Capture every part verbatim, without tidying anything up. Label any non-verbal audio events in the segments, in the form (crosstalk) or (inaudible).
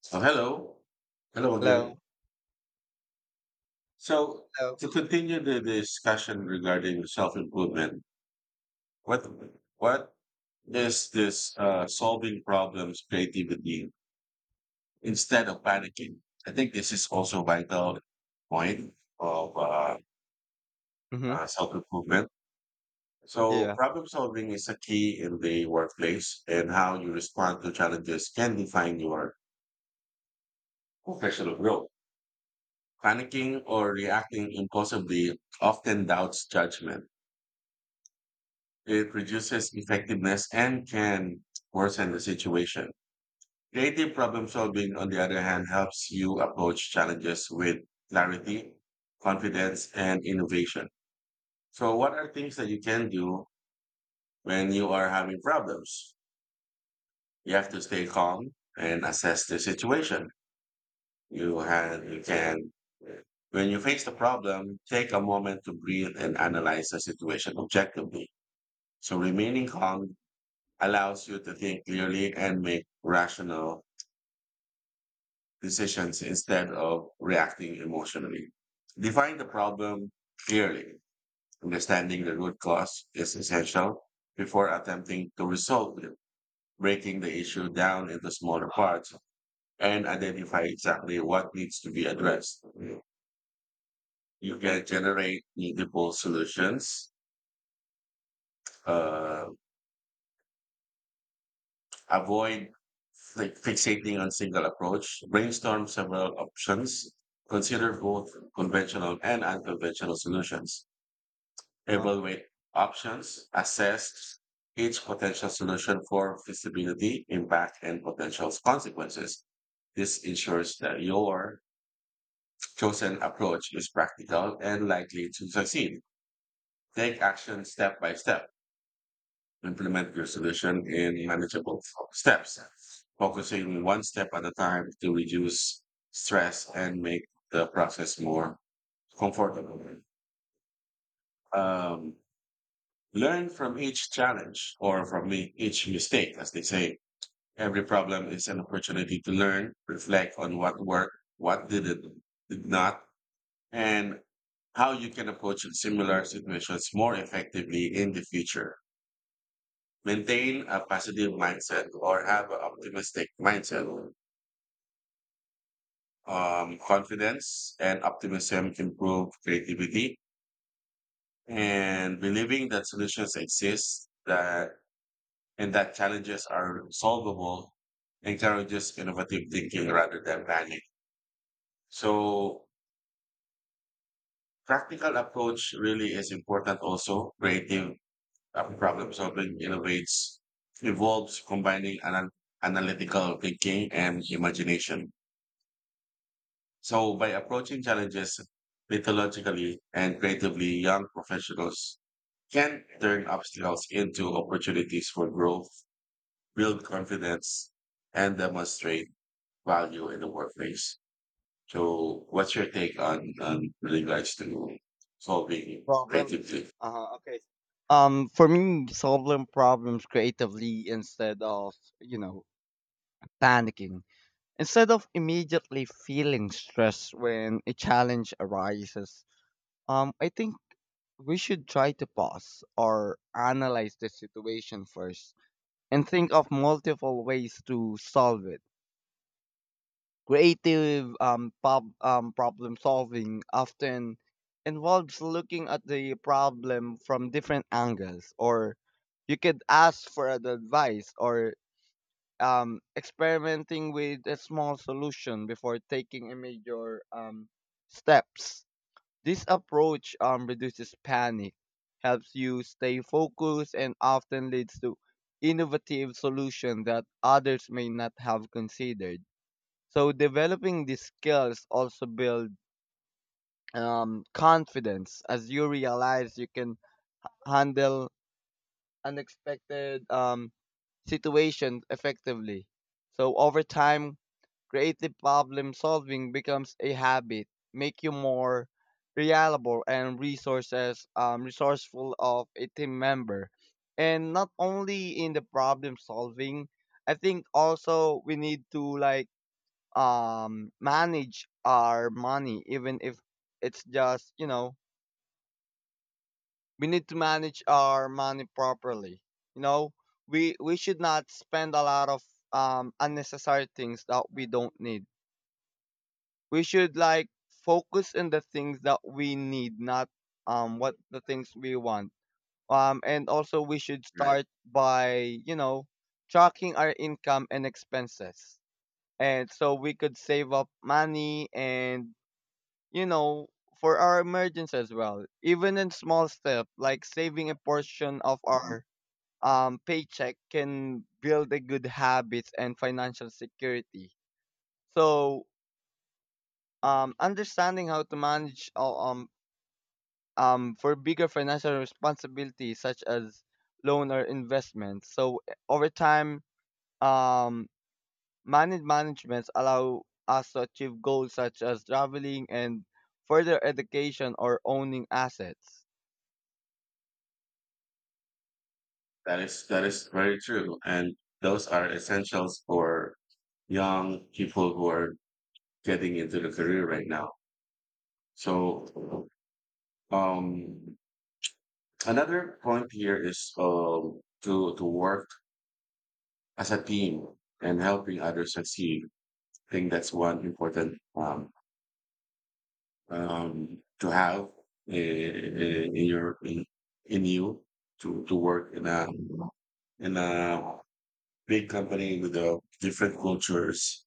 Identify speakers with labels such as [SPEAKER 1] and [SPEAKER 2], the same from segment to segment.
[SPEAKER 1] So hello, hello again.
[SPEAKER 2] Hello.
[SPEAKER 1] So
[SPEAKER 2] Hello.
[SPEAKER 1] to continue the discussion regarding self-improvement, what what is this uh, solving problems creativity instead of panicking? I think this is also vital point of uh,
[SPEAKER 2] Mm-hmm.
[SPEAKER 1] uh, self-improvement. So
[SPEAKER 2] Yeah.
[SPEAKER 1] problem solving is a key in the workplace, and how you respond to challenges can define your professional growth. Panicking or reacting impulsively often doubts judgment. It reduces effectiveness and can worsen the situation. Creative problem solving, on the other hand, helps you approach challenges with clarity, confidence, and innovation. So, what are things that you can do when you are having problems? You have to stay calm and assess the situation. You had you can When you face the problem, take a moment to breathe and analyze the situation objectively. So remaining calm allows you to think clearly and make rational decisions instead of reacting emotionally. Define the problem clearly. Understanding the root cause is essential before attempting to resolve it. Breaking the issue down into smaller parts and identify exactly what needs to be addressed. You can generate multiple solutions, uh, avoid like fixating on single approach, brainstorm several options, consider both conventional and unconventional solutions,
[SPEAKER 2] Uh-huh.
[SPEAKER 1] evaluate options, assess each potential solution for feasibility, impact, and potential consequences. This ensures that your chosen approach is practical and likely to succeed. Take action step by step, implement your solution in manageable fo- steps, focusing one step at a time to reduce stress and make the process more comfortable. Um, Learn from each challenge or from e- each mistake, as they say. Every problem is an opportunity to learn, reflect on what worked, what didn't, did not, and how you can approach similar situations more effectively in the future. Maintain a positive mindset or have an optimistic mindset. Um, confidence and optimism improve creativity and believing that solutions exist that and that challenges are solvable encourages innovative thinking rather than panic. So practical approach really is important also. Creative uh, problem solving innovates, evolves, combining an analytical thinking and imagination. So by approaching challenges methodologically and creatively, young professionals can turn obstacles into opportunities for growth, build confidence, and demonstrate value in the workplace. So what's your take on, on with regards to solving
[SPEAKER 2] Problems.
[SPEAKER 1] creatively?
[SPEAKER 2] Uh-huh. Okay. Um, for me, solving problems creatively instead of, you know, panicking. Instead of immediately feeling stressed when a challenge arises, um, I think we should try to pause or analyze the situation first and think of multiple ways to solve it. Creative um, prob- um, problem solving often involves looking at the problem from different angles, or you could ask for ad- advice or um, experimenting with a small solution before taking a major um, steps. This approach um, reduces panic, helps you stay focused, and often leads to innovative solutions that others may not have considered. So developing these skills also build um, confidence as you realize you can handle unexpected um, situations effectively. So over time, creative problem solving becomes a habit, make you more reliable and resources um, resourceful of a team member. And not only in the problem solving, I think also we need to like um manage our money even if it's just, you know we need to manage our money properly, you know we we should not spend a lot of um unnecessary things that we don't need. We should like focus on the things that we need, not um what the things we want. Um and also, we should start by, you know tracking our income and expenses, and so we could save up money and, you know, for our emergence as well. Even in small step, like saving a portion of
[SPEAKER 1] Right.
[SPEAKER 2] our um, paycheck can build a good habits and financial security. So, um, Understanding how to manage uh, um, um, for bigger financial responsibilities such as loan or investment. So, eh, over time, um, managed managements allow us to achieve goals such as traveling and further education or owning assets.
[SPEAKER 1] That is that is very true. And those are essentials for young people who are getting into the career right now. So um another point here is um, to to work as a team and helping others succeed. I think that's one important um, um, to have in, in your in, in you to to work in a in a big company with uh, different cultures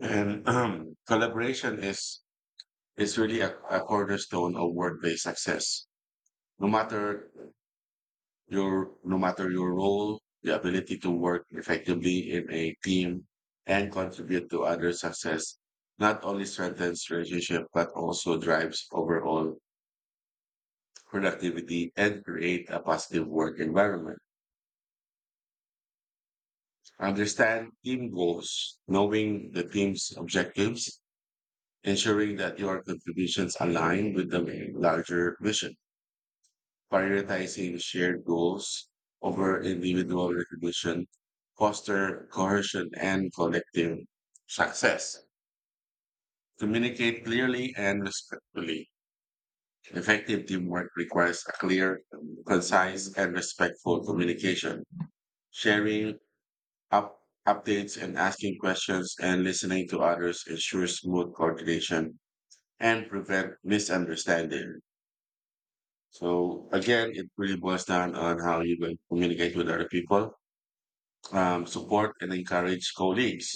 [SPEAKER 1] and um, collaboration is is really a, a cornerstone of workplace success. No matter your no matter your role, the ability to work effectively in a team and contribute to other success not only strengthens relationship but also drives overall productivity and create a positive work environment. Understand team goals, knowing the team's objectives, ensuring that your contributions align with the larger vision. Prioritizing shared goals over individual recognition, foster cohesion and collective success. Communicate clearly and respectfully. Effective teamwork requires a clear, concise, and respectful communication. Sharing up updates and asking questions and listening to others ensures smooth coordination and prevent misunderstanding. So again, it really boils down on how you going to communicate with other people. Um, support and encourage colleagues.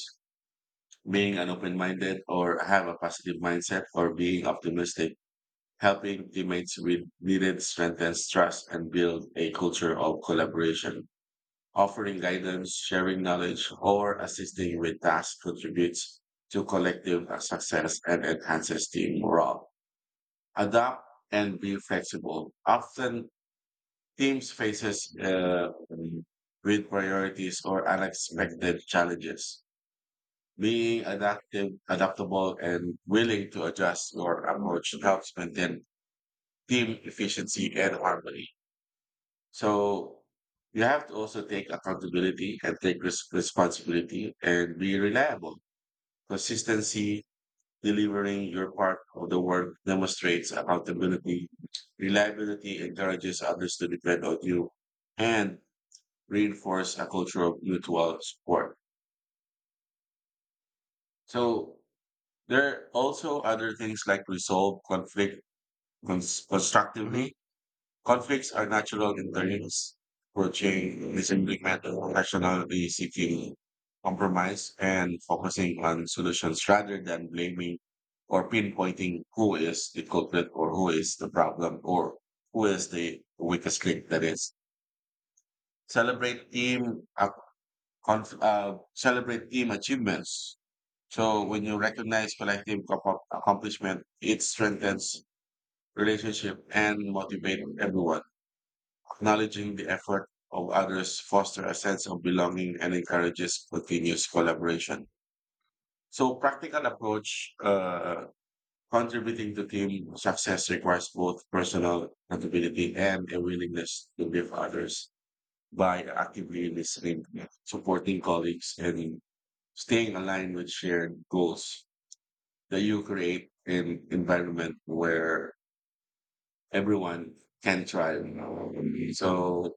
[SPEAKER 1] Being an open minded or have a positive mindset or being optimistic, helping teammates with needed strengthens trust and build a culture of collaboration. Offering guidance, sharing knowledge, or assisting with tasks contributes to collective success and enhances team morale. Adapt and be flexible. Often teams faces uh, with priorities or unexpected challenges. Being adaptive, adaptable, and willing to adjust your approach helps maintain team efficiency and harmony. So you have to also take accountability and take res- responsibility and be reliable. Consistency, delivering your part of the work demonstrates accountability. Reliability encourages others to depend on you and reinforce a culture of mutual support. So there are also other things like resolve conflict Cons-
[SPEAKER 2] Mm-hmm.
[SPEAKER 1] constructively. Conflicts are natural interludes for change, disimplement of rationality seeking compromise and focusing on solutions rather than blaming or pinpointing who is the culprit or who is the problem or who is the weakest link that is. Celebrate team uh, conf- uh, Celebrate team achievements. So when you recognize collective accom- accomplishment, it strengthens relationship and motivate everyone. Acknowledging the effort of others fosters a sense of belonging and encourages continuous collaboration. So, practical approach uh, contributing to team success requires both personal accountability and a willingness to give others by actively listening, supporting colleagues, and staying aligned with shared goals that you create an environment where everyone can thrive. So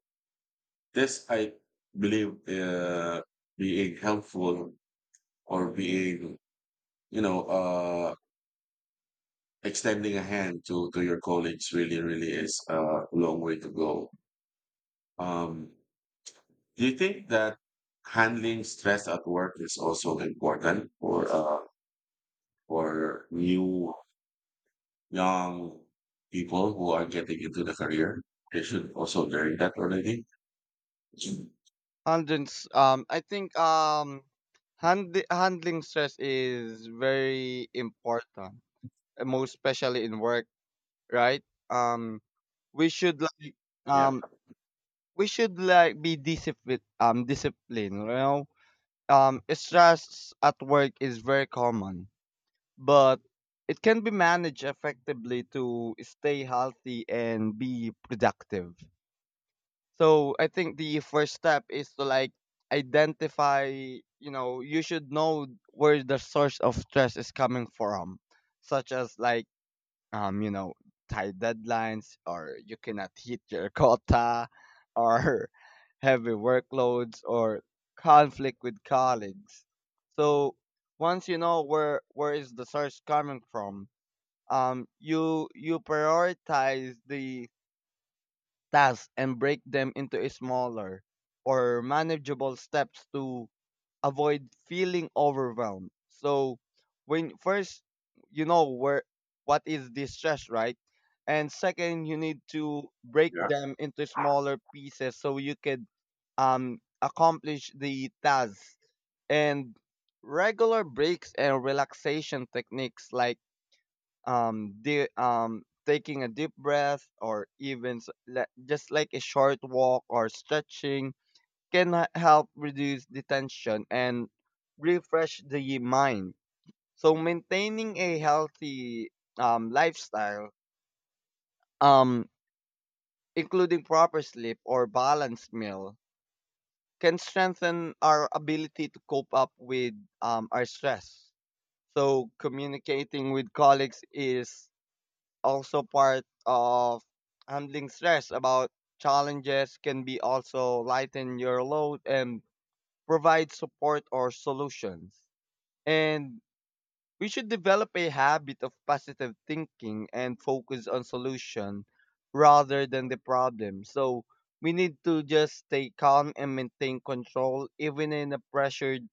[SPEAKER 1] this, I believe, uh, being helpful or being, you know, uh, extending a hand to, to your colleagues really, really is a long way to go. Um, do you think that handling stress at work is also important for, uh, for new, young people who are getting into the career? They should also learn that already.
[SPEAKER 2] Handling, s- um, I think, um, hand, handling stress is very important, uh, most especially in work, right? Um, we should like
[SPEAKER 1] Yeah,
[SPEAKER 2] um, we should like be disciplined. Um, disciplined. You know, um, stress at work is very common, but it can be managed effectively to stay healthy and be productive. So I think the first step is to like identify, you know, you should know where the source of stress is coming from, such as like, um, you know, tight deadlines or you cannot hit your quota or (laughs) heavy workloads or conflict with colleagues. So once you know where where is the source coming from, um, you you prioritize the tasks and break them into a smaller or manageable steps to avoid feeling overwhelmed. So when first you know where what is this stress, right? And second, you need to break
[SPEAKER 1] yeah.
[SPEAKER 2] them into smaller pieces so you can um accomplish the tasks, and regular breaks and relaxation techniques like um, di- um, taking a deep breath or even s- le- just like a short walk or stretching can h- help reduce the tension and refresh the mind. So maintaining a healthy um, lifestyle, um, including proper sleep or balanced meal, can strengthen our ability to cope up with um, our stress. So communicating with colleagues is also part of handling stress about challenges can be also lighten your load and provide support or solutions, and we should develop a habit of positive thinking and focus on solution rather than the problem. So we need to just stay calm and maintain control even in a pressured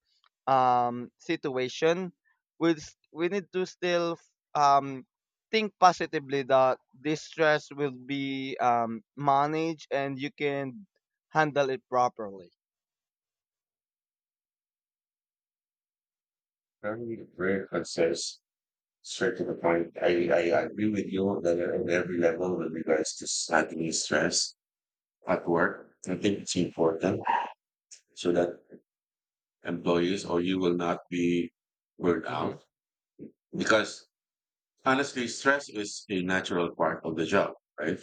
[SPEAKER 2] um situation. We we need to still um think positively that this stress will be um managed and you can handle it properly.
[SPEAKER 1] Very, very concise, straight to the point. I, I agree with you that on every level with regards to slightly stress at work. I think it's important so that employees or you will not be burned
[SPEAKER 2] Mhm.
[SPEAKER 1] out because honestly, stress is a natural part of the job, right?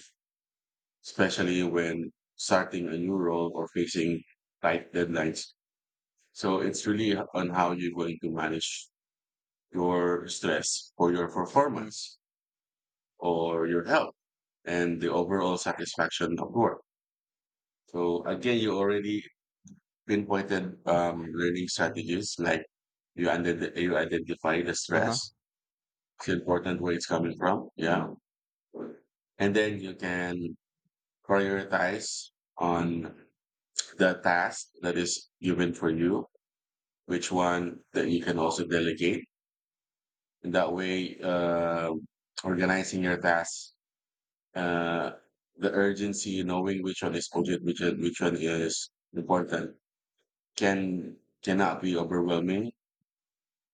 [SPEAKER 1] Especially when starting a new role or facing tight deadlines. So it's really on how you're going to manage your stress for your
[SPEAKER 2] Mhm.
[SPEAKER 1] performance, or your health and the overall satisfaction of work. So again, you already pinpointed um, learning strategies like you, under you identify the
[SPEAKER 2] Uh-huh.
[SPEAKER 1] stress, it's important where it's coming from. Yeah. And then you can prioritize on the task that is given for you, which one that you can also delegate. And that way, uh, organizing your tasks, uh, the urgency, knowing which one is urgent, which one, which one is important, can cannot be overwhelming.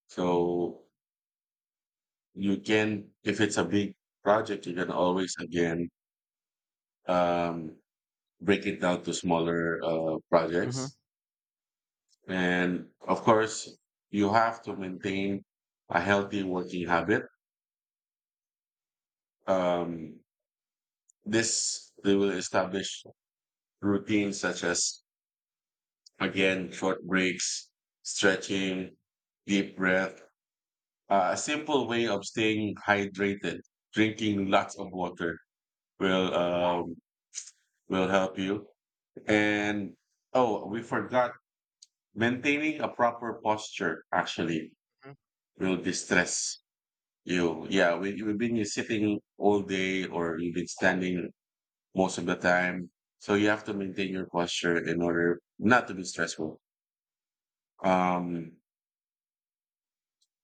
[SPEAKER 1] So you can, if it's a big project, you can always again um, break it down to smaller uh,
[SPEAKER 2] Mhm.
[SPEAKER 1] projects. And of course, you have to maintain a healthy working habit. Um, this they will establish routines such as, again, short breaks, stretching, deep breath. Uh, a simple way of staying hydrated, drinking lots of water will um, will help you. And oh, we forgot maintaining a proper posture actually will distress you. Yeah, we, we've been sitting all day or you've been standing most of the time. So you have to maintain your posture in order not to be stressful. Um,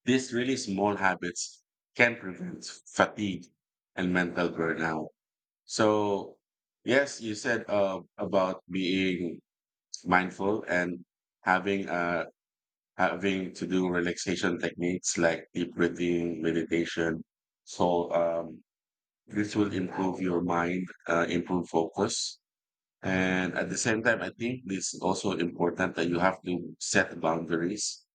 [SPEAKER 1] These really small habits can prevent fatigue and mental burnout. So, yes, you said uh, about being mindful and having uh, having to do relaxation techniques like deep breathing, meditation. So um, this will improve your mind, uh, improve focus, and at the same time, I think it's also important that you have to set boundaries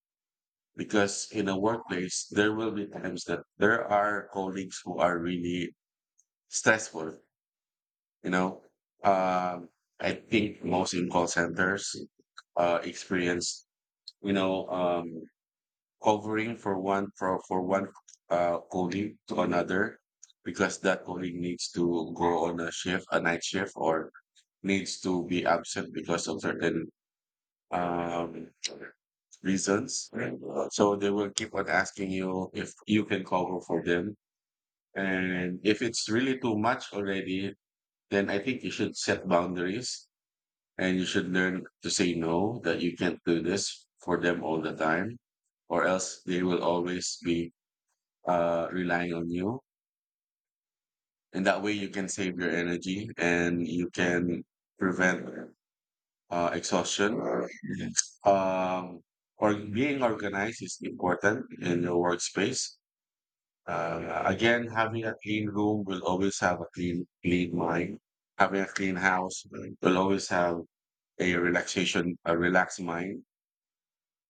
[SPEAKER 1] because in a workplace there will be times that there are colleagues who are really stressful. you know um, I think most in call centers uh, experience, you know um, covering for one for, for one uh, colleague to another because that colleague needs to go on a shift a night shift or needs to be absent because of certain um, reasons. And, uh, so they will keep on asking you if you can cover for them. And if it's really too much already, then I think you should set boundaries and you should learn to say no, that you can't do this for them all the time, or else they will always be uh, relying on you. And that way you can save your energy and you can prevent uh, exhaustion. Um, or being organized is important in your workspace. Uh, again, having a clean room will always have a clean, clean mind. Having a clean house will always have a relaxation, a relaxed mind.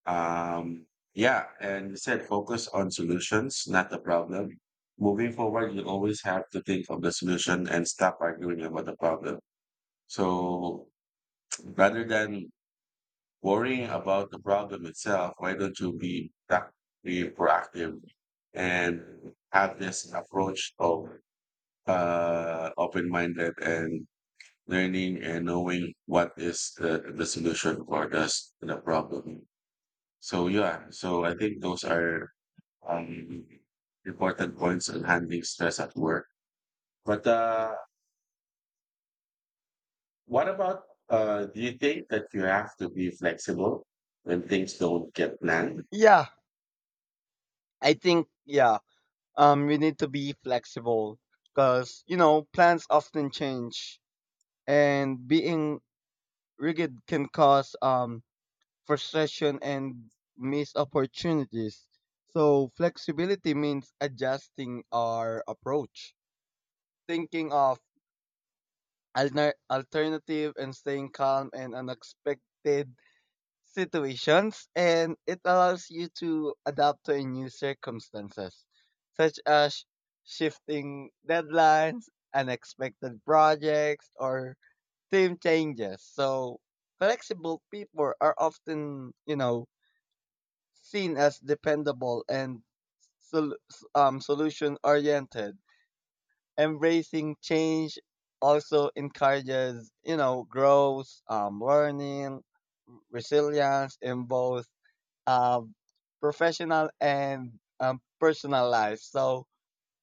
[SPEAKER 1] Um, yeah, and you said focus on solutions, not the problem. Moving forward, you always have to think of the solution and stop arguing about the problem. So rather than worrying about the problem itself, why don't you be, prac- be proactive and have this approach of uh, open minded and learning and knowing what is the, the solution for this the problem. So yeah, so I think those are um, important points on handling stress at work. But uh, what about uh, do you think that you have to be flexible when things don't get planned?
[SPEAKER 2] Yeah, I think yeah. Um you need to be flexible because, you know, plans often change, and being rigid can cause um frustration and missed opportunities. So flexibility means adjusting our approach, thinking of alter- alternative and staying calm and unexpected situations, and it allows you to adapt to a new circumstances such as shifting deadlines, unexpected projects, or team changes. So flexible people are often, you know, seen as dependable and sol- um, solution oriented. Embracing change also encourages, you know, growth, um, learning, resilience in both uh, professional and um, personal life. So,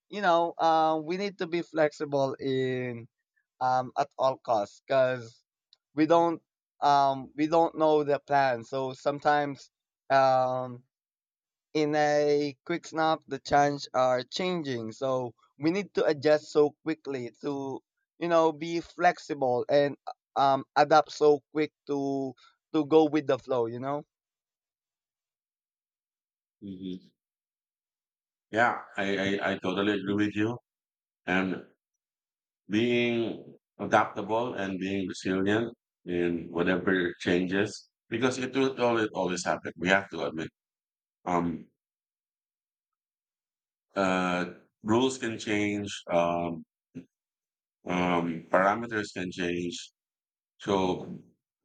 [SPEAKER 2] you know, uh, we need to be flexible in, um, at all costs, because we don't, um, we don't know the plan. So sometimes, um, in a quick snap, the change are changing. So we need to adjust so quickly to, you know, be flexible and um, adapt so quick to to go with the flow. You know.
[SPEAKER 1] Mhm. Yeah, I, I, I totally agree with you. And being adaptable and being resilient in whatever changes because it will always always happen. We have to admit. Um uh Rules can change, um um parameters can change. So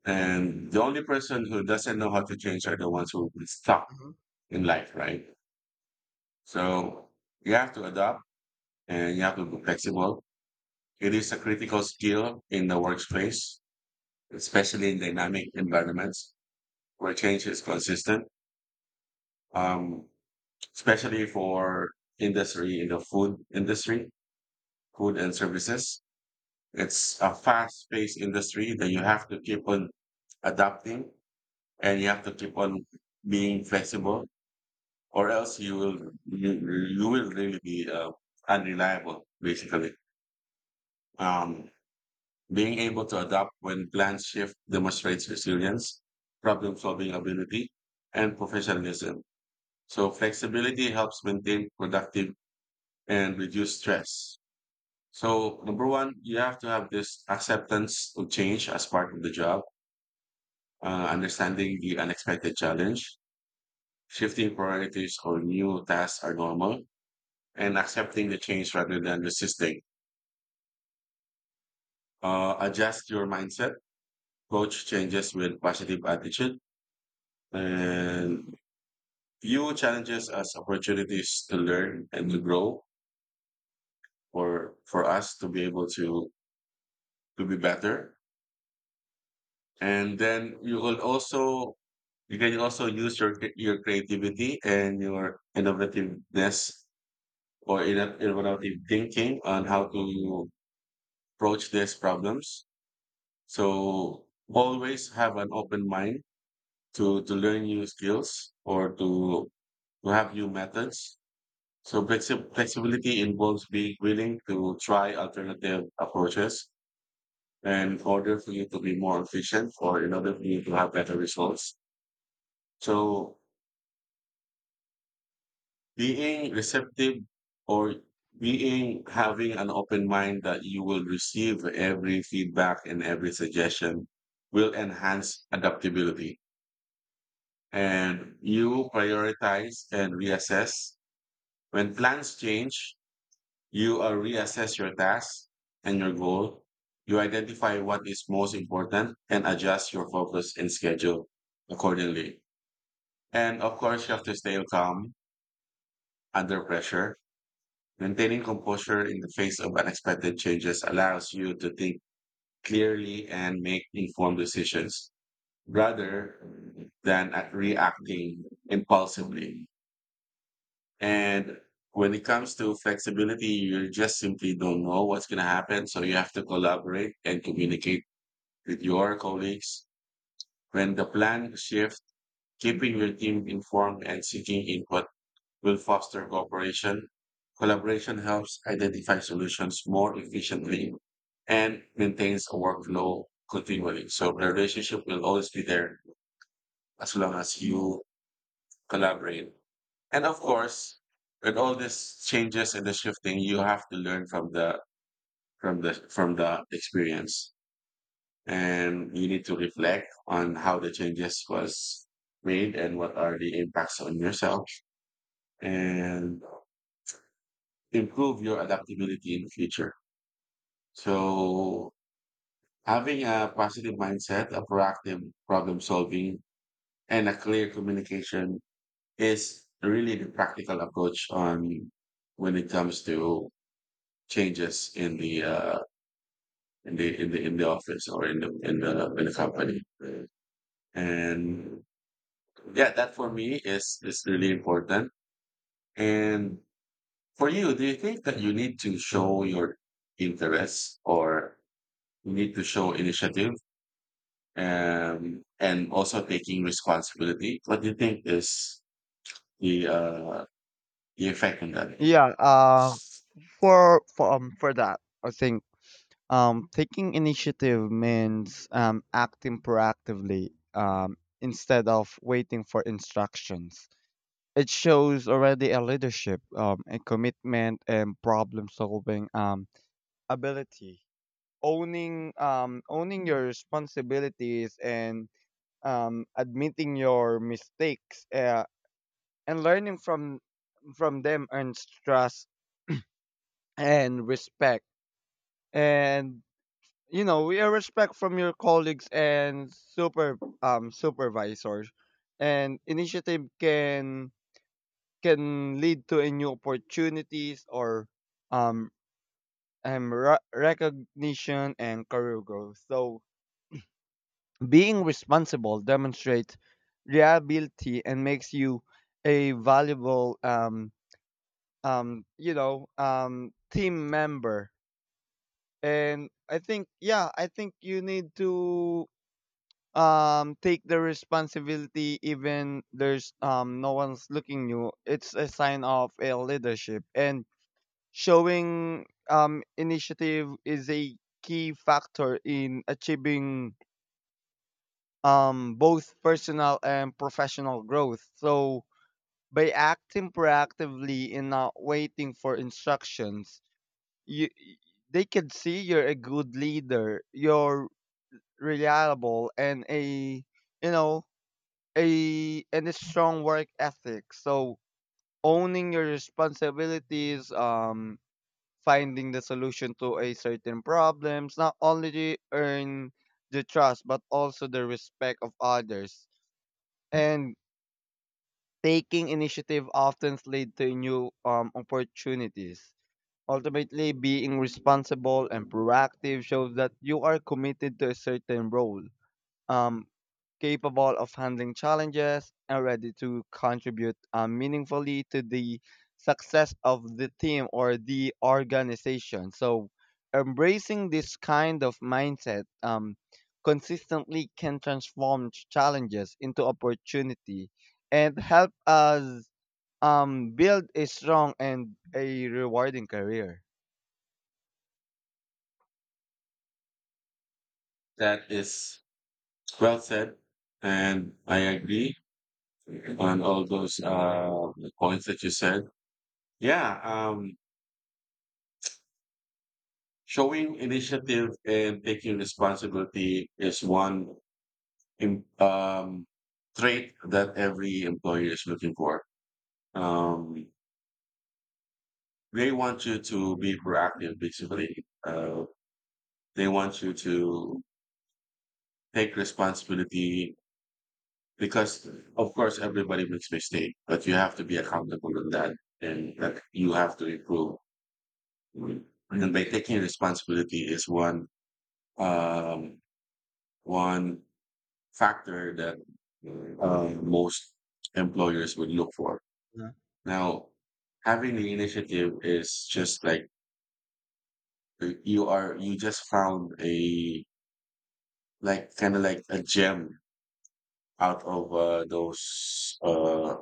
[SPEAKER 1] and the only person who doesn't know how to change are the ones who will stuck
[SPEAKER 2] Mhm.
[SPEAKER 1] in life, right? So you have to adapt and you have to be flexible. It is a critical skill in the workplace, especially in dynamic environments where change is consistent, um, especially for industry in the food industry, food and services. It's a fast-paced industry that you have to keep on adapting, and you have to keep on being flexible, or else you will you, you will really be uh, unreliable. Basically, um, being able to adapt when plans shift demonstrates resilience, problem-solving ability, and professionalism. So flexibility helps maintain productive and reduce stress. So number one, you have to have this acceptance of change as part of the job, uh, understanding the unexpected challenge, shifting priorities or new tasks are normal, and accepting the change rather than resisting. Uh, adjust your mindset, approach changes with positive attitude, and view challenges as opportunities to learn and to grow, or for us to be able to to be better. And then you will also you can also use your cre- your creativity and your innovativeness or inno- innovative thinking on how to approach these problems. So always have an open mind to to learn new skills, or to to have new methods. So flexi- flexibility involves being willing to try alternative approaches in order for you to be more efficient, or in order for you to have better results. So being receptive, or being having an open mind that you will receive every feedback and every suggestion, will enhance adaptability. And you prioritize and reassess. When plans change, you uh, reassess your task and your goal. You identify what is most important and adjust your focus and schedule accordingly. And of course, you have to stay calm under pressure. Maintaining composure in the face of unexpected changes allows you to think clearly and make informed decisions rather than at reacting impulsively. And when it comes to flexibility, you just simply don't know what's going to happen. So you have to collaborate and communicate with your colleagues. When the plan shifts, keeping your team informed and seeking input will foster cooperation. Collaboration helps identify solutions more efficiently and maintains a workflow continually. So the relationship will always be there as long as you collaborate. And of course, with all these changes and the shifting, you have to learn from the from the from the experience. And you need to reflect on how the changes was made and what are the impacts on yourself, and improve your adaptability in the future. So having a positive mindset, a proactive problem solving, and a clear communication is really the practical approach on when it comes to changes in the uh, in the in the in the office, or in the in the in the company. And yeah, that for me is is really important. And for you, do you think that you need to show your interest, or you need to show initiative, um, and also taking responsibility? What do you think is the uh, the effect on that?
[SPEAKER 2] Yeah. for for um for that, I think um taking initiative means um acting proactively, um instead of waiting for instructions. It shows already a leadership, um a commitment and problem solving um ability. owning um owning your responsibilities and um admitting your mistakes, uh, and learning from from them earns trust and respect. And, you know, we are respect from your colleagues and super um supervisors. And initiative can can lead to a new opportunities or um um re- recognition and career growth. So being responsible demonstrates reliability and makes you a valuable, um um you know, um team member. And I think, yeah, I think you need to um take the responsibility even there's, um no one's looking you. It's a sign of a leadership, and showing um initiative is a key factor in achieving um both personal and professional growth. So by acting proactively and not waiting for instructions, you, they can see you're a good leader, you're reliable, and a, you know, a and a strong work ethic. So owning your responsibilities, um, finding the solution to a certain problems, not only to earn the trust but also the respect of others. And taking initiative often lead to new um, opportunities. Ultimately, being responsible and proactive shows that you are committed to a certain role, um, capable of handling challenges and ready to contribute uh, meaningfully to the success of the team or the organization. So, embracing this kind of mindset um, consistently can transform ch- challenges into opportunity and help us um, build a strong and a rewarding career.
[SPEAKER 1] That is well said, and I agree on all those uh, points that you said. Yeah, um, showing initiative and taking responsibility is one im- um, trait that every employer is looking for. Um, they want you to be proactive, basically. Uh, they want you to take responsibility, because of course everybody makes mistake, but you have to be accountable in that, and that you have to improve. And by taking responsibility is one um, one factor that um, most employers would look for.
[SPEAKER 2] Yeah.
[SPEAKER 1] Now, having the initiative is just like uh, you are you just found a like kind of like a gem out of uh, those uh,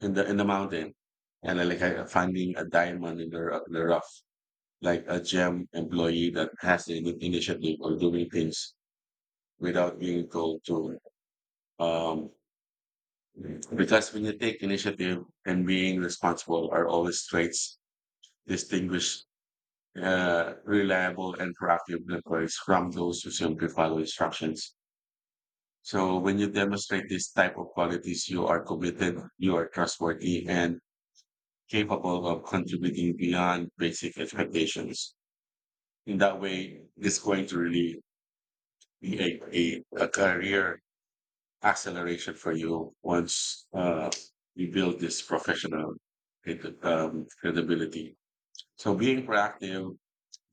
[SPEAKER 1] in the in the mountain, and then like I, finding a diamond in the ru- the rough, like a gem employee that has the ini- initiative of doing things without being told to. Um, because when you take initiative and being responsible are always traits distinguish uh, reliable and proactive employees from those who simply follow instructions. So when you demonstrate this type of qualities, you are committed, you are trustworthy, and capable of contributing beyond basic expectations. In that way, it's going to really be a, a, a career acceleration for you once uh, you build this professional credi- um, credibility. So being proactive,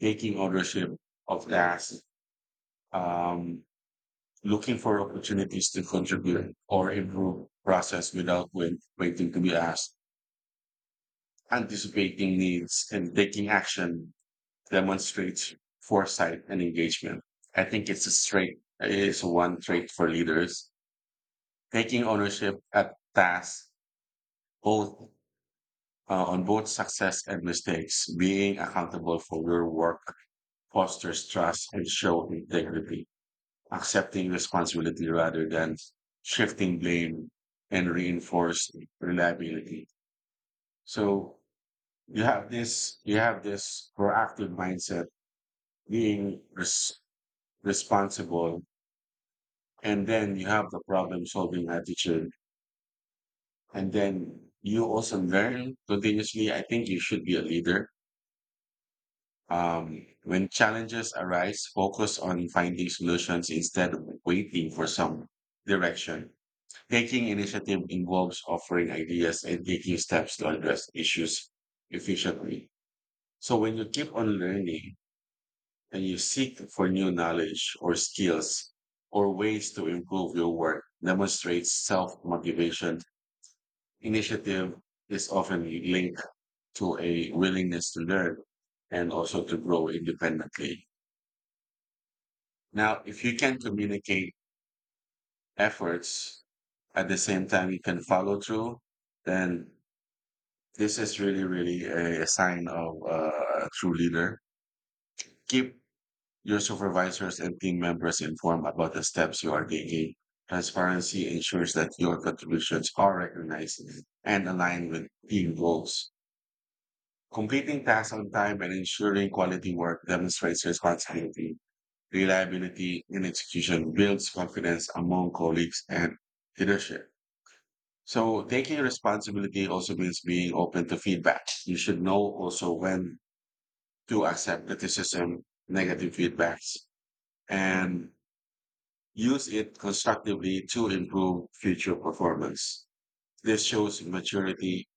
[SPEAKER 1] taking ownership of tasks, um, looking for opportunities to contribute or improve process without wait, waiting to be asked, anticipating needs and taking action demonstrates foresight and engagement. I think it's a straight is one trait for leaders taking ownership at tasks both uh, on both success and mistakes. Being accountable for your work fosters trust and show integrity. Accepting responsibility rather than shifting blame and reinforce reliability. So you have this you have this proactive mindset, being res- responsible, and then you have the problem solving attitude, and then you also learn continuously. I think you should be a leader. Um, when challenges arise, focus on finding solutions instead of waiting for some direction. Taking initiative involves offering ideas and taking steps to address issues efficiently. So when you keep on learning and you seek for new knowledge or skills or ways to improve your work demonstrates self-motivation. Initiative is often linked to a willingness to learn, and also to grow independently. Now, if you can communicate efforts at the same time you can follow through, then this is really, really a, a sign of uh, a true leader. Keep your supervisors and team members informed about the steps you are taking. Transparency ensures that your contributions are recognized and aligned with team goals. Completing tasks on time and ensuring quality work demonstrates responsibility, reliability, and execution builds confidence among colleagues and leadership. So taking responsibility also means being open to feedback. You should know also when to accept criticism, negative feedbacks, and use it constructively to improve future performance. This shows maturity,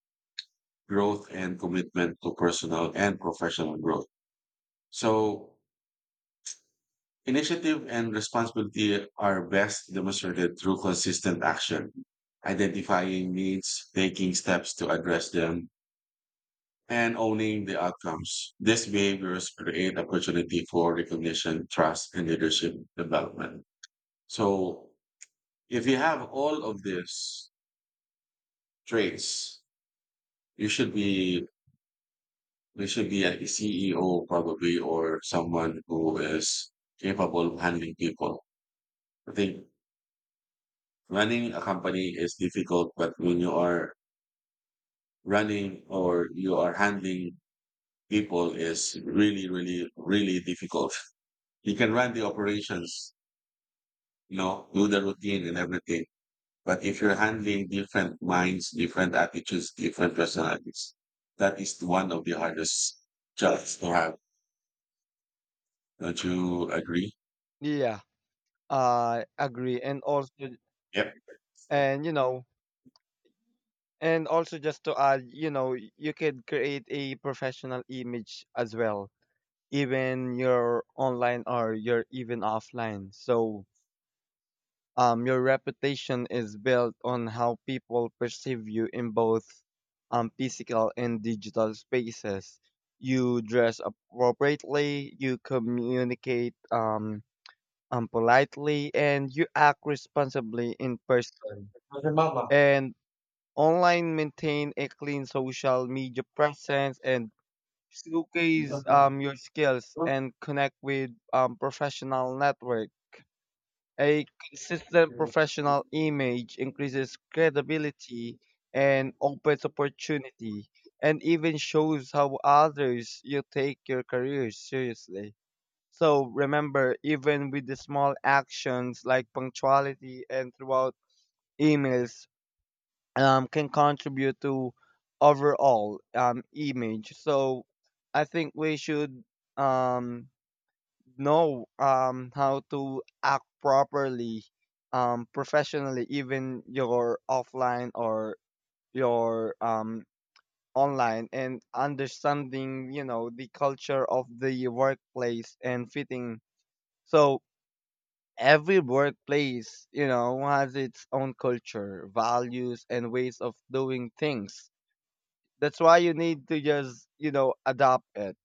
[SPEAKER 1] growth, and commitment to personal and professional growth. So initiative and responsibility are best demonstrated through consistent action, identifying needs, taking steps to address them, and owning the outcomes. These behaviors create opportunity for recognition, trust, and leadership development. So if you have all of these traits, you should be you should be a C E O probably, or someone who is capable of handling people. I think running a company is difficult, but when you are running or you are handling people is really, really, really difficult. You can run the operations, you know, do the routine and everything. But if you're handling different minds, different attitudes, different personalities, that is one of the hardest jobs to have. Don't you agree?
[SPEAKER 2] Yeah, I agree. And also,
[SPEAKER 1] Yep.
[SPEAKER 2] and you know, and also just to add, you know, you could create a professional image as well, even you're online or you're even offline. So um, your reputation is built on how people perceive you in both um, physical and digital spaces. You dress appropriately, you communicate um, um, politely, and you act responsibly in person. And online maintain a clean social media presence and showcase um, your skills and connect with um, professional network. A consistent professional image increases credibility and opens opportunity and even shows how others you take your career seriously. So remember, even with the small actions like punctuality and throughout emails um, can contribute to overall um, image. So I think we should, um, know um, how to act properly, um, professionally, even your offline or your, um, online, and understanding, you know, the culture of the workplace and fitting. So every workplace, you know, has its own culture values and ways of doing things. That's why you need to just, you know, adopt it.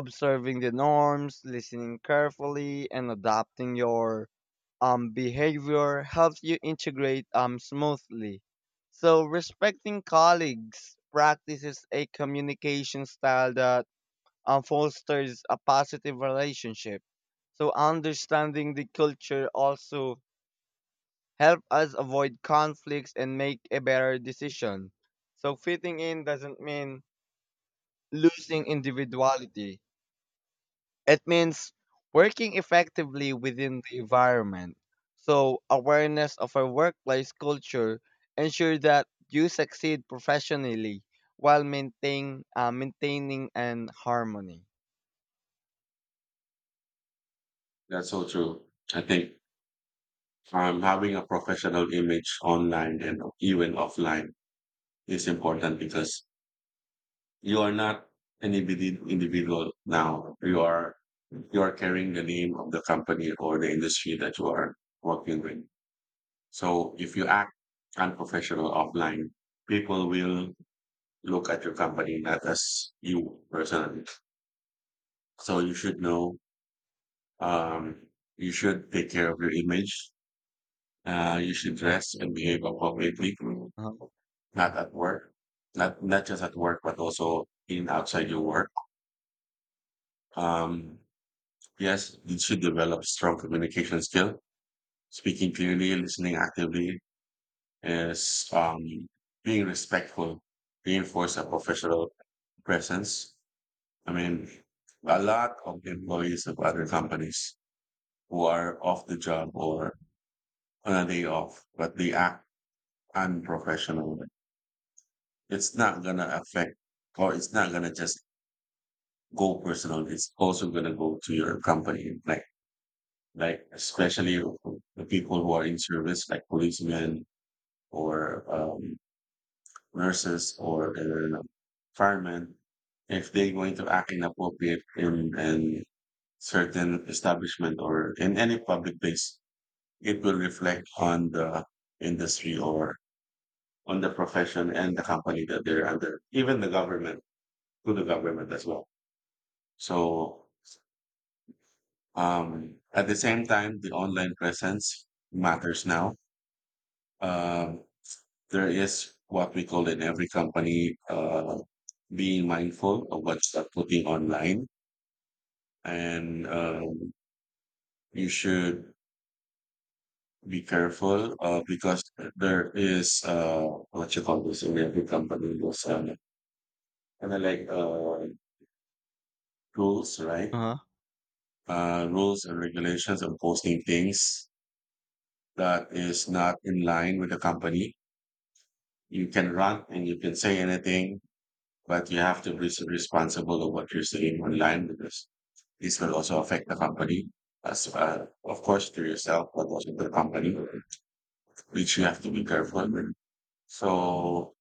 [SPEAKER 2] Observing the norms, listening carefully, and adapting your um behavior helps you integrate um smoothly. So respecting colleagues practices a communication style that um, fosters a positive relationship. So understanding the culture also help us avoid conflicts and make a better decision. So fitting in doesn't mean losing individuality. It means working effectively within the environment. So, awareness of our workplace culture ensures that you succeed professionally while maintain, uh, maintaining an harmony.
[SPEAKER 1] That's so true. I think um, having a professional image online and even offline is important, because you are not an individ- individual now. You are you are carrying the name of the company or the industry that you are working with. So if you act unprofessional offline, people will look at your company not as you personally. So you should know. Um, you should take care of your image. Uh, you should dress and behave appropriately,
[SPEAKER 2] Uh huh.
[SPEAKER 1] not at work, not not just at work, but also in outside your work. Um, yes, you should develop strong communication skill. Speaking clearly, listening actively, is um, being respectful, reinforce a professional presence. I mean, a lot of employees of other companies who are off the job or on a day off, but they act unprofessional. It's not gonna affect, or it's not gonna just go personal. It's also gonna go to your company, like like especially the people who are in service, like policemen or um, nurses, or uh, firemen. If they're going to act inappropriate in, in certain establishment or in any public place, it will reflect on the industry or on the profession and the company that they're under, even the government, to the government as well. So um, at the same time, the online presence matters now. Um, there is what we call in every company uh, being mindful of what you're putting online, and um, you should be careful, uh, because there is uh, what you call this in every company. There's um, kind of like uh, rules, right?
[SPEAKER 2] Uh huh.
[SPEAKER 1] Uh, rules and regulations on posting things that is not in line with the company. You can run and you can say anything, but you have to be responsible of what you're saying online, because this will also affect the company as well. Of course, to yourself, but also to the company, which you have to be careful with. So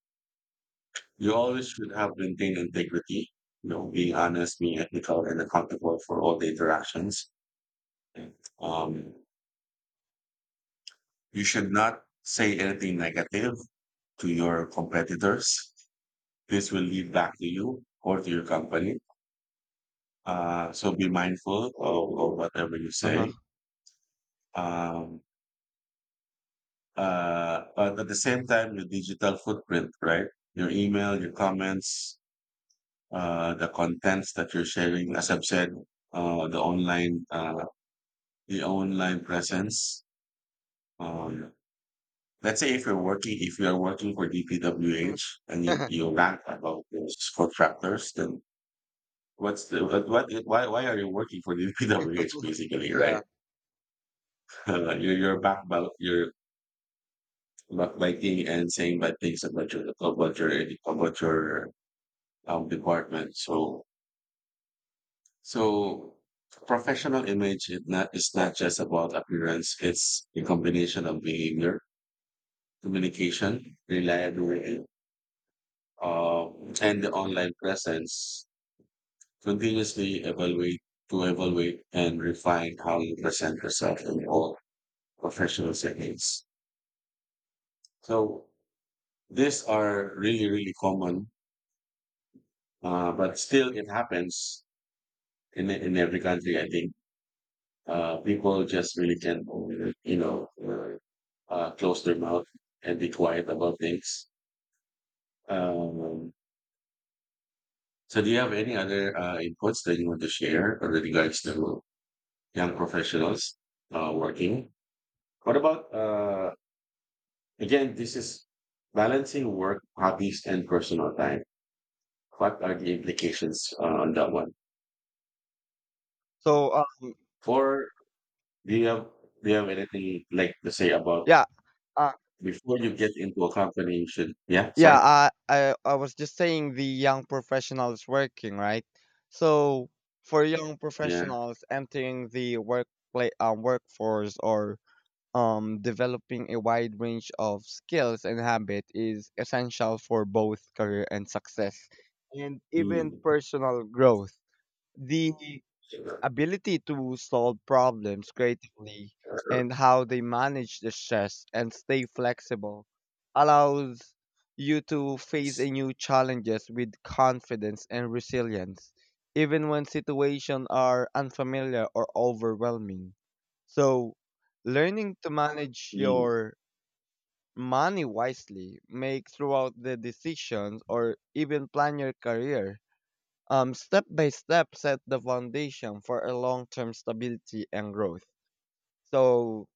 [SPEAKER 1] you always should have maintained integrity, you know, being honest, being ethical and accountable for all the interactions. Um, you should not say anything negative to your competitors. This will lead back to you or to your company. Uh, so be mindful of, of whatever you
[SPEAKER 2] Uh-huh.
[SPEAKER 1] say. Um, uh, but at the same time, your digital footprint, right? Your email, your comments, uh, the contents that you're sharing, as I've said, uh, the online, uh, the online presence. Um, let's say if you're working, if you are working for D P W H
[SPEAKER 2] (laughs)
[SPEAKER 1] and you,
[SPEAKER 2] uh-huh,
[SPEAKER 1] you rant about those contractors, then what's the, what, what, why, why are you working for D P W H
[SPEAKER 2] uh-huh.
[SPEAKER 1] basically, right?
[SPEAKER 2] Yeah.
[SPEAKER 1] (laughs) you're, you're back, you're about biking and saying bad things about your about your about your um, department. So so professional image is not is not just about appearance. It's a combination of behavior, communication, reliability, uh, and the online presence. Continuously evaluate to evaluate and refine how you present yourself in all professional settings. So these are really really common, uh, but still it happens in in every country. I think uh, people just really can, you know, uh, uh, close their mouth and be quiet about things. Um, so, do you have any other uh, inputs that you want to share with regards to young professionals uh, working? What about uh, again? This is balancing work, hobbies, and personal time. What are the implications uh, on that one?
[SPEAKER 2] So, uh,
[SPEAKER 1] For do you have do you have anything like to say about
[SPEAKER 2] yeah. Uh,
[SPEAKER 1] before you get into a company, you should yeah,
[SPEAKER 2] yeah,
[SPEAKER 1] sorry.
[SPEAKER 2] I, I I was just saying the young professionals working, right? So for young
[SPEAKER 1] Yeah.
[SPEAKER 2] professionals entering the workplace um, workforce or um developing a wide range of skills and habit is essential for both career and success and even
[SPEAKER 1] Mm.
[SPEAKER 2] personal growth. The ability to solve problems creatively and how they manage the stress and stay flexible allows you to face a new challenges with confidence and resilience even when situations are unfamiliar or overwhelming. So learning to manage
[SPEAKER 1] Mm.
[SPEAKER 2] your money wisely, make throughout the decisions or even plan your career, um, step by step set the foundation for a long-term stability and growth. So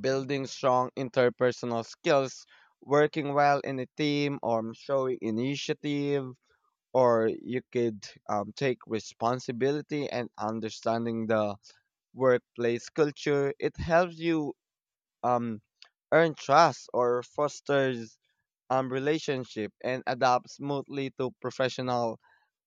[SPEAKER 2] building strong interpersonal skills, working well in a team, or showing initiative, or you could um, take responsibility and understanding the workplace culture. It helps you um, earn trust or fosters um, relationship and adapt smoothly to professional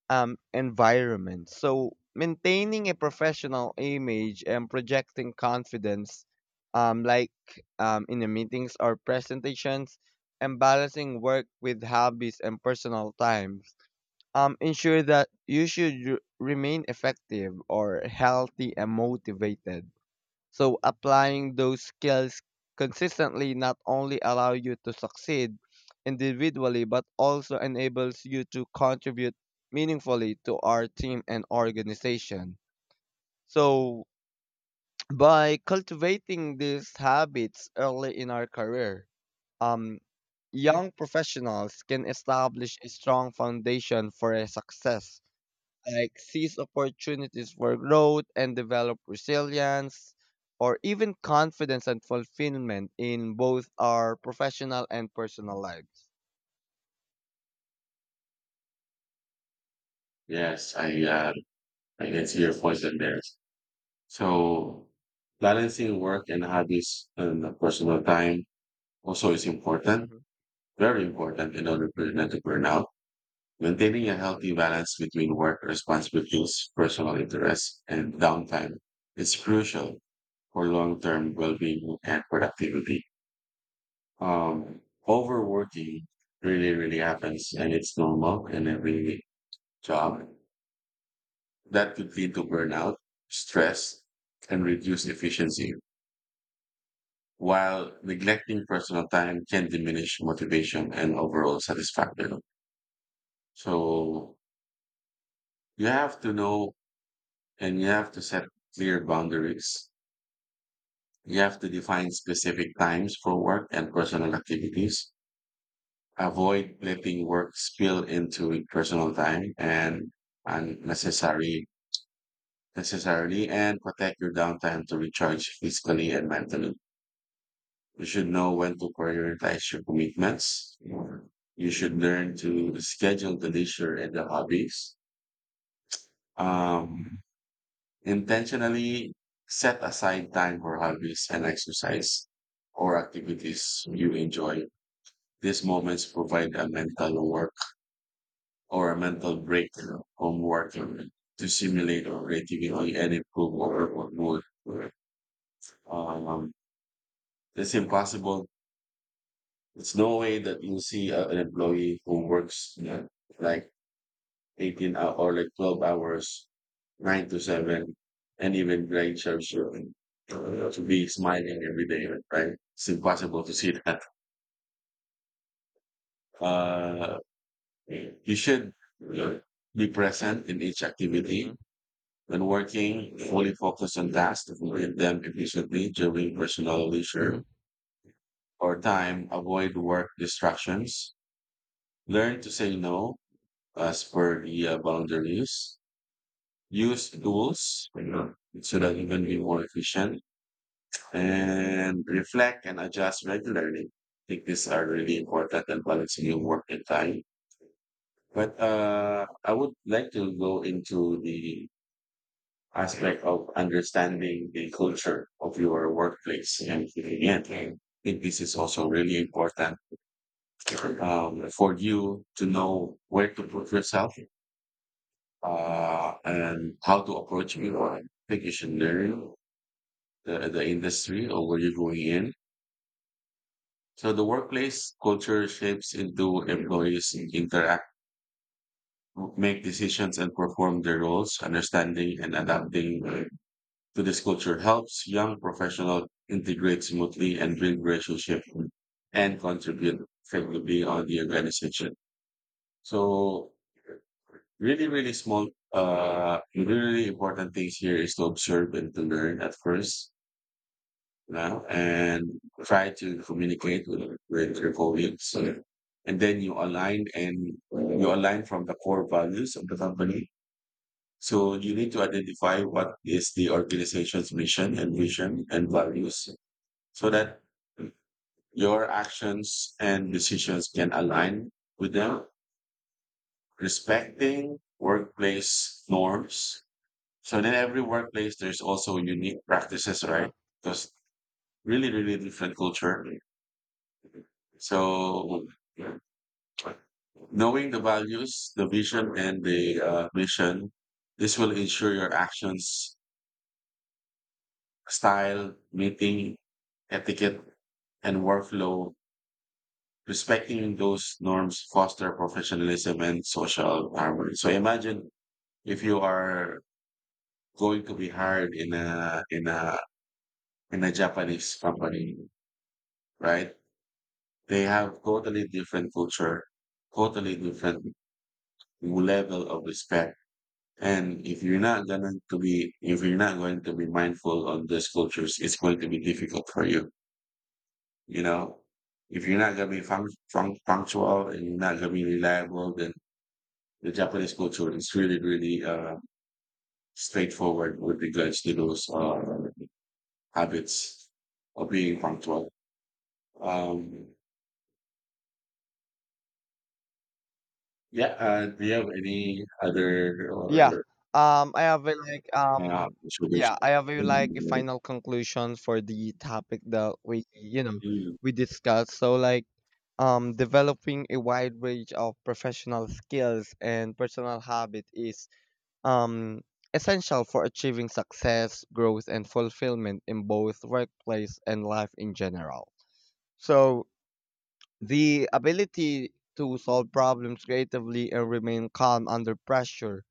[SPEAKER 2] um, environment. So maintaining a professional image and projecting confidence, um, like um, in the meetings or presentations, and balancing work with hobbies and personal times. Um, ensure that you should r- remain effective or healthy and motivated. So applying those skills consistently not only allow you to succeed individually but also enables you to contribute meaningfully to our team and organization. So (tsk) by cultivating these habits early in our career, um young professionals can establish a strong foundation for a success like seize opportunities for growth and develop resilience or even confidence and fulfillment in both our professional and personal lives.
[SPEAKER 1] Yes, I uh, I can see your points in there. So balancing work and hobbies and the personal time also is important,
[SPEAKER 2] Hmm.
[SPEAKER 1] very important in order for you not to burn out. Maintaining a healthy balance between work responsibilities, personal interests, and downtime is crucial for long-term well-being and productivity. Um, Overworking really, really happens and it's normal in every job. That could lead to burnout, stress, and reduce efficiency, while neglecting personal time can diminish motivation and overall satisfaction. So you have to know and you have to set clear boundaries. You have to define specific times for work and personal activities. Avoid letting work spill into personal time and unnecessary necessarily and protect your downtime to recharge physically and mentally. You should know when to prioritize your commitments. You should learn to schedule the leisure and the hobbies. Um, Intentionally set aside time for hobbies and exercise or activities you enjoy. These moments provide a mental work or a mental break from work to simulate our creativity and improve our work mood. Um, it's impossible. It's no way that you see a, an employee who works, yeah, like eighteen hour or like twelve hours, nine to seven, and even great church to be smiling every day, right? It's impossible to see (laughs) that. Uh, you should be present in each
[SPEAKER 2] Hmm.
[SPEAKER 1] activity. When working, fully focus on tasks to complete them efficiently during personal
[SPEAKER 2] Hmm.
[SPEAKER 1] leisure or time. Avoid work distractions. Learn to say no as per the uh, boundaries. Use tools, you know, so that you can be more efficient and reflect and adjust regularly. I think these are really important in balancing your work and time. But uh, I would like to go into the aspect of understanding the culture of your workplace and fitting in. I think this is also really important um, for you to know where to put yourself uh, and how to approach it. I think you should learn the, the industry or where you're going in. So the workplace culture shapes into employees interact, make decisions, and perform their roles. Understanding and adapting to this culture helps young professionals integrate smoothly and build relationship and contribute effectively on the organization. So really, really small, uh, really, really important things here is to observe and to learn at first, you know, and try to communicate with, with your colleagues. And then you align and you align from the core values of the company, so you need to identify what is the organization's mission and vision and values so that your actions and decisions can align with them, respecting workplace norms. So in every workplace, there's also unique practices,
[SPEAKER 2] Uh-huh.
[SPEAKER 1] right? Because really, really different culture. So knowing the values, the vision, and the uh, mission, this will ensure your actions style, meeting etiquette, and workflow. Respecting those norms foster professionalism and social harmony. So imagine if you are going to be hired in a in a in a Japanese company, right? They have totally different culture, totally different level of respect. And if you're not going to be, if you're not going to be mindful on these cultures, it's going to be difficult for you. You know, if you're not going to be func- func- punctual and you're not going to be reliable, then the Japanese culture is really, really uh, straightforward with regards to those uh, habits of being punctual. Um, yeah, uh, do you have any other
[SPEAKER 2] Yeah.
[SPEAKER 1] or
[SPEAKER 2] Um, I have a, like
[SPEAKER 1] uh,
[SPEAKER 2] um, yeah, I have a, like a
[SPEAKER 1] observation?
[SPEAKER 2] final conclusion for the topic that we, you know,
[SPEAKER 1] Mm.
[SPEAKER 2] we discussed. So like um, developing a wide range of professional skills and personal habit is um essential for achieving success, growth, and fulfillment in both workplace and life in general. So the ability to solve problems creatively and remain calm under pressure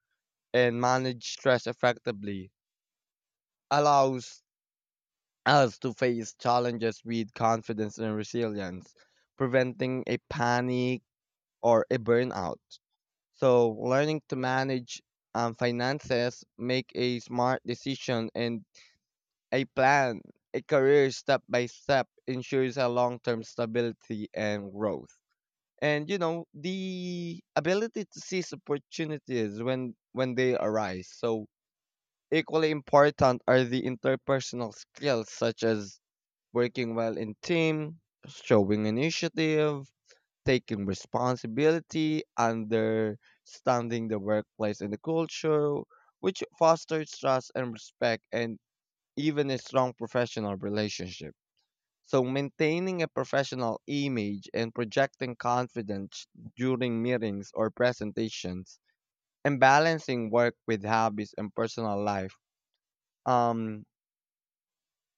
[SPEAKER 2] and manage stress effectively allows us to face challenges with confidence and resilience, preventing a panic or a burnout. So, learning to manage um, finances, make a smart decision, and a plan, a career step by step ensures a long term stability and growth. And you know the ability to seize opportunities when when they arise. So equally important are the interpersonal skills such as working well in team, showing initiative, taking responsibility, understanding the workplace and the culture, which fosters trust and respect and even a strong professional relationship. So maintaining a professional image and projecting confidence during meetings or presentations and balancing work with hobbies and personal life um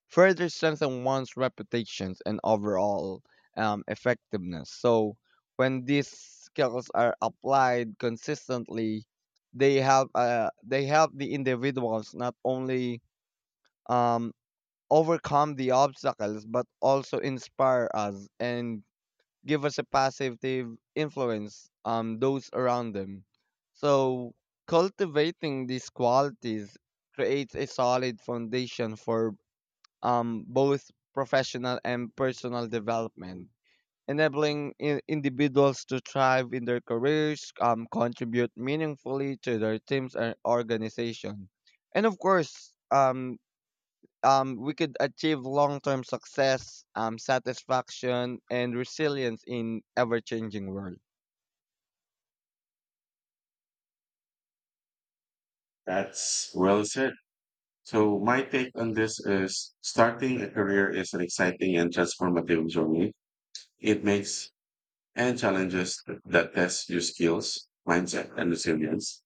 [SPEAKER 2] further strengthen one's reputations and overall um, effectiveness. So when these skills are applied consistently, they help uh, they help the individuals not only um, overcome the obstacles but also inspire us and give us a positive influence on those around them. So cultivating these qualities creates a solid foundation for um, both professional and personal development, enabling in- individuals to thrive in their careers, um, contribute meaningfully to their teams and organization. And of course, um, um, we could achieve long term success, um, satisfaction, and resilience in ever changing world.
[SPEAKER 1] That's well said. So my take on this is starting a career is an exciting and transformative journey. It makes and challenges th- that test your skills, mindset, and resilience.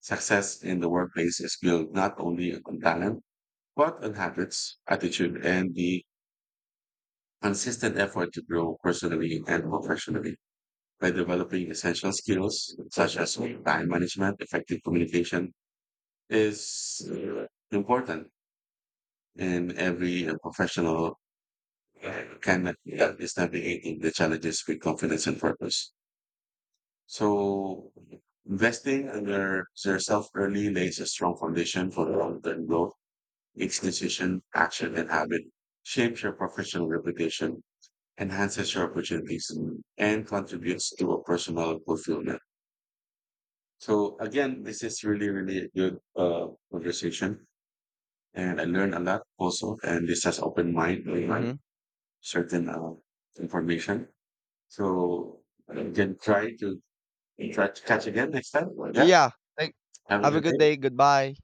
[SPEAKER 1] Success in the workplace is built not only on talent, but on habits, attitude, and the consistent effort to grow personally and professionally. By developing essential skills such as time management, effective communication is uh, important in every uh, professional uh, can that is navigating the challenges with confidence and purpose. So investing in your, yourself early lays a strong foundation for long-term growth. Each decision, action, and habit shapes your professional reputation, enhances your opportunities, and contributes to a personal fulfillment. So again, this is really, really a good uh, conversation, and I learned a lot also. And this has opened mind, my mind,
[SPEAKER 2] Hmm.
[SPEAKER 1] certain uh, information. So you can try to try to catch again next time. Yeah,
[SPEAKER 2] Yeah. Thank-
[SPEAKER 1] have a
[SPEAKER 2] have a
[SPEAKER 1] good
[SPEAKER 2] good
[SPEAKER 1] day.
[SPEAKER 2] day. Goodbye.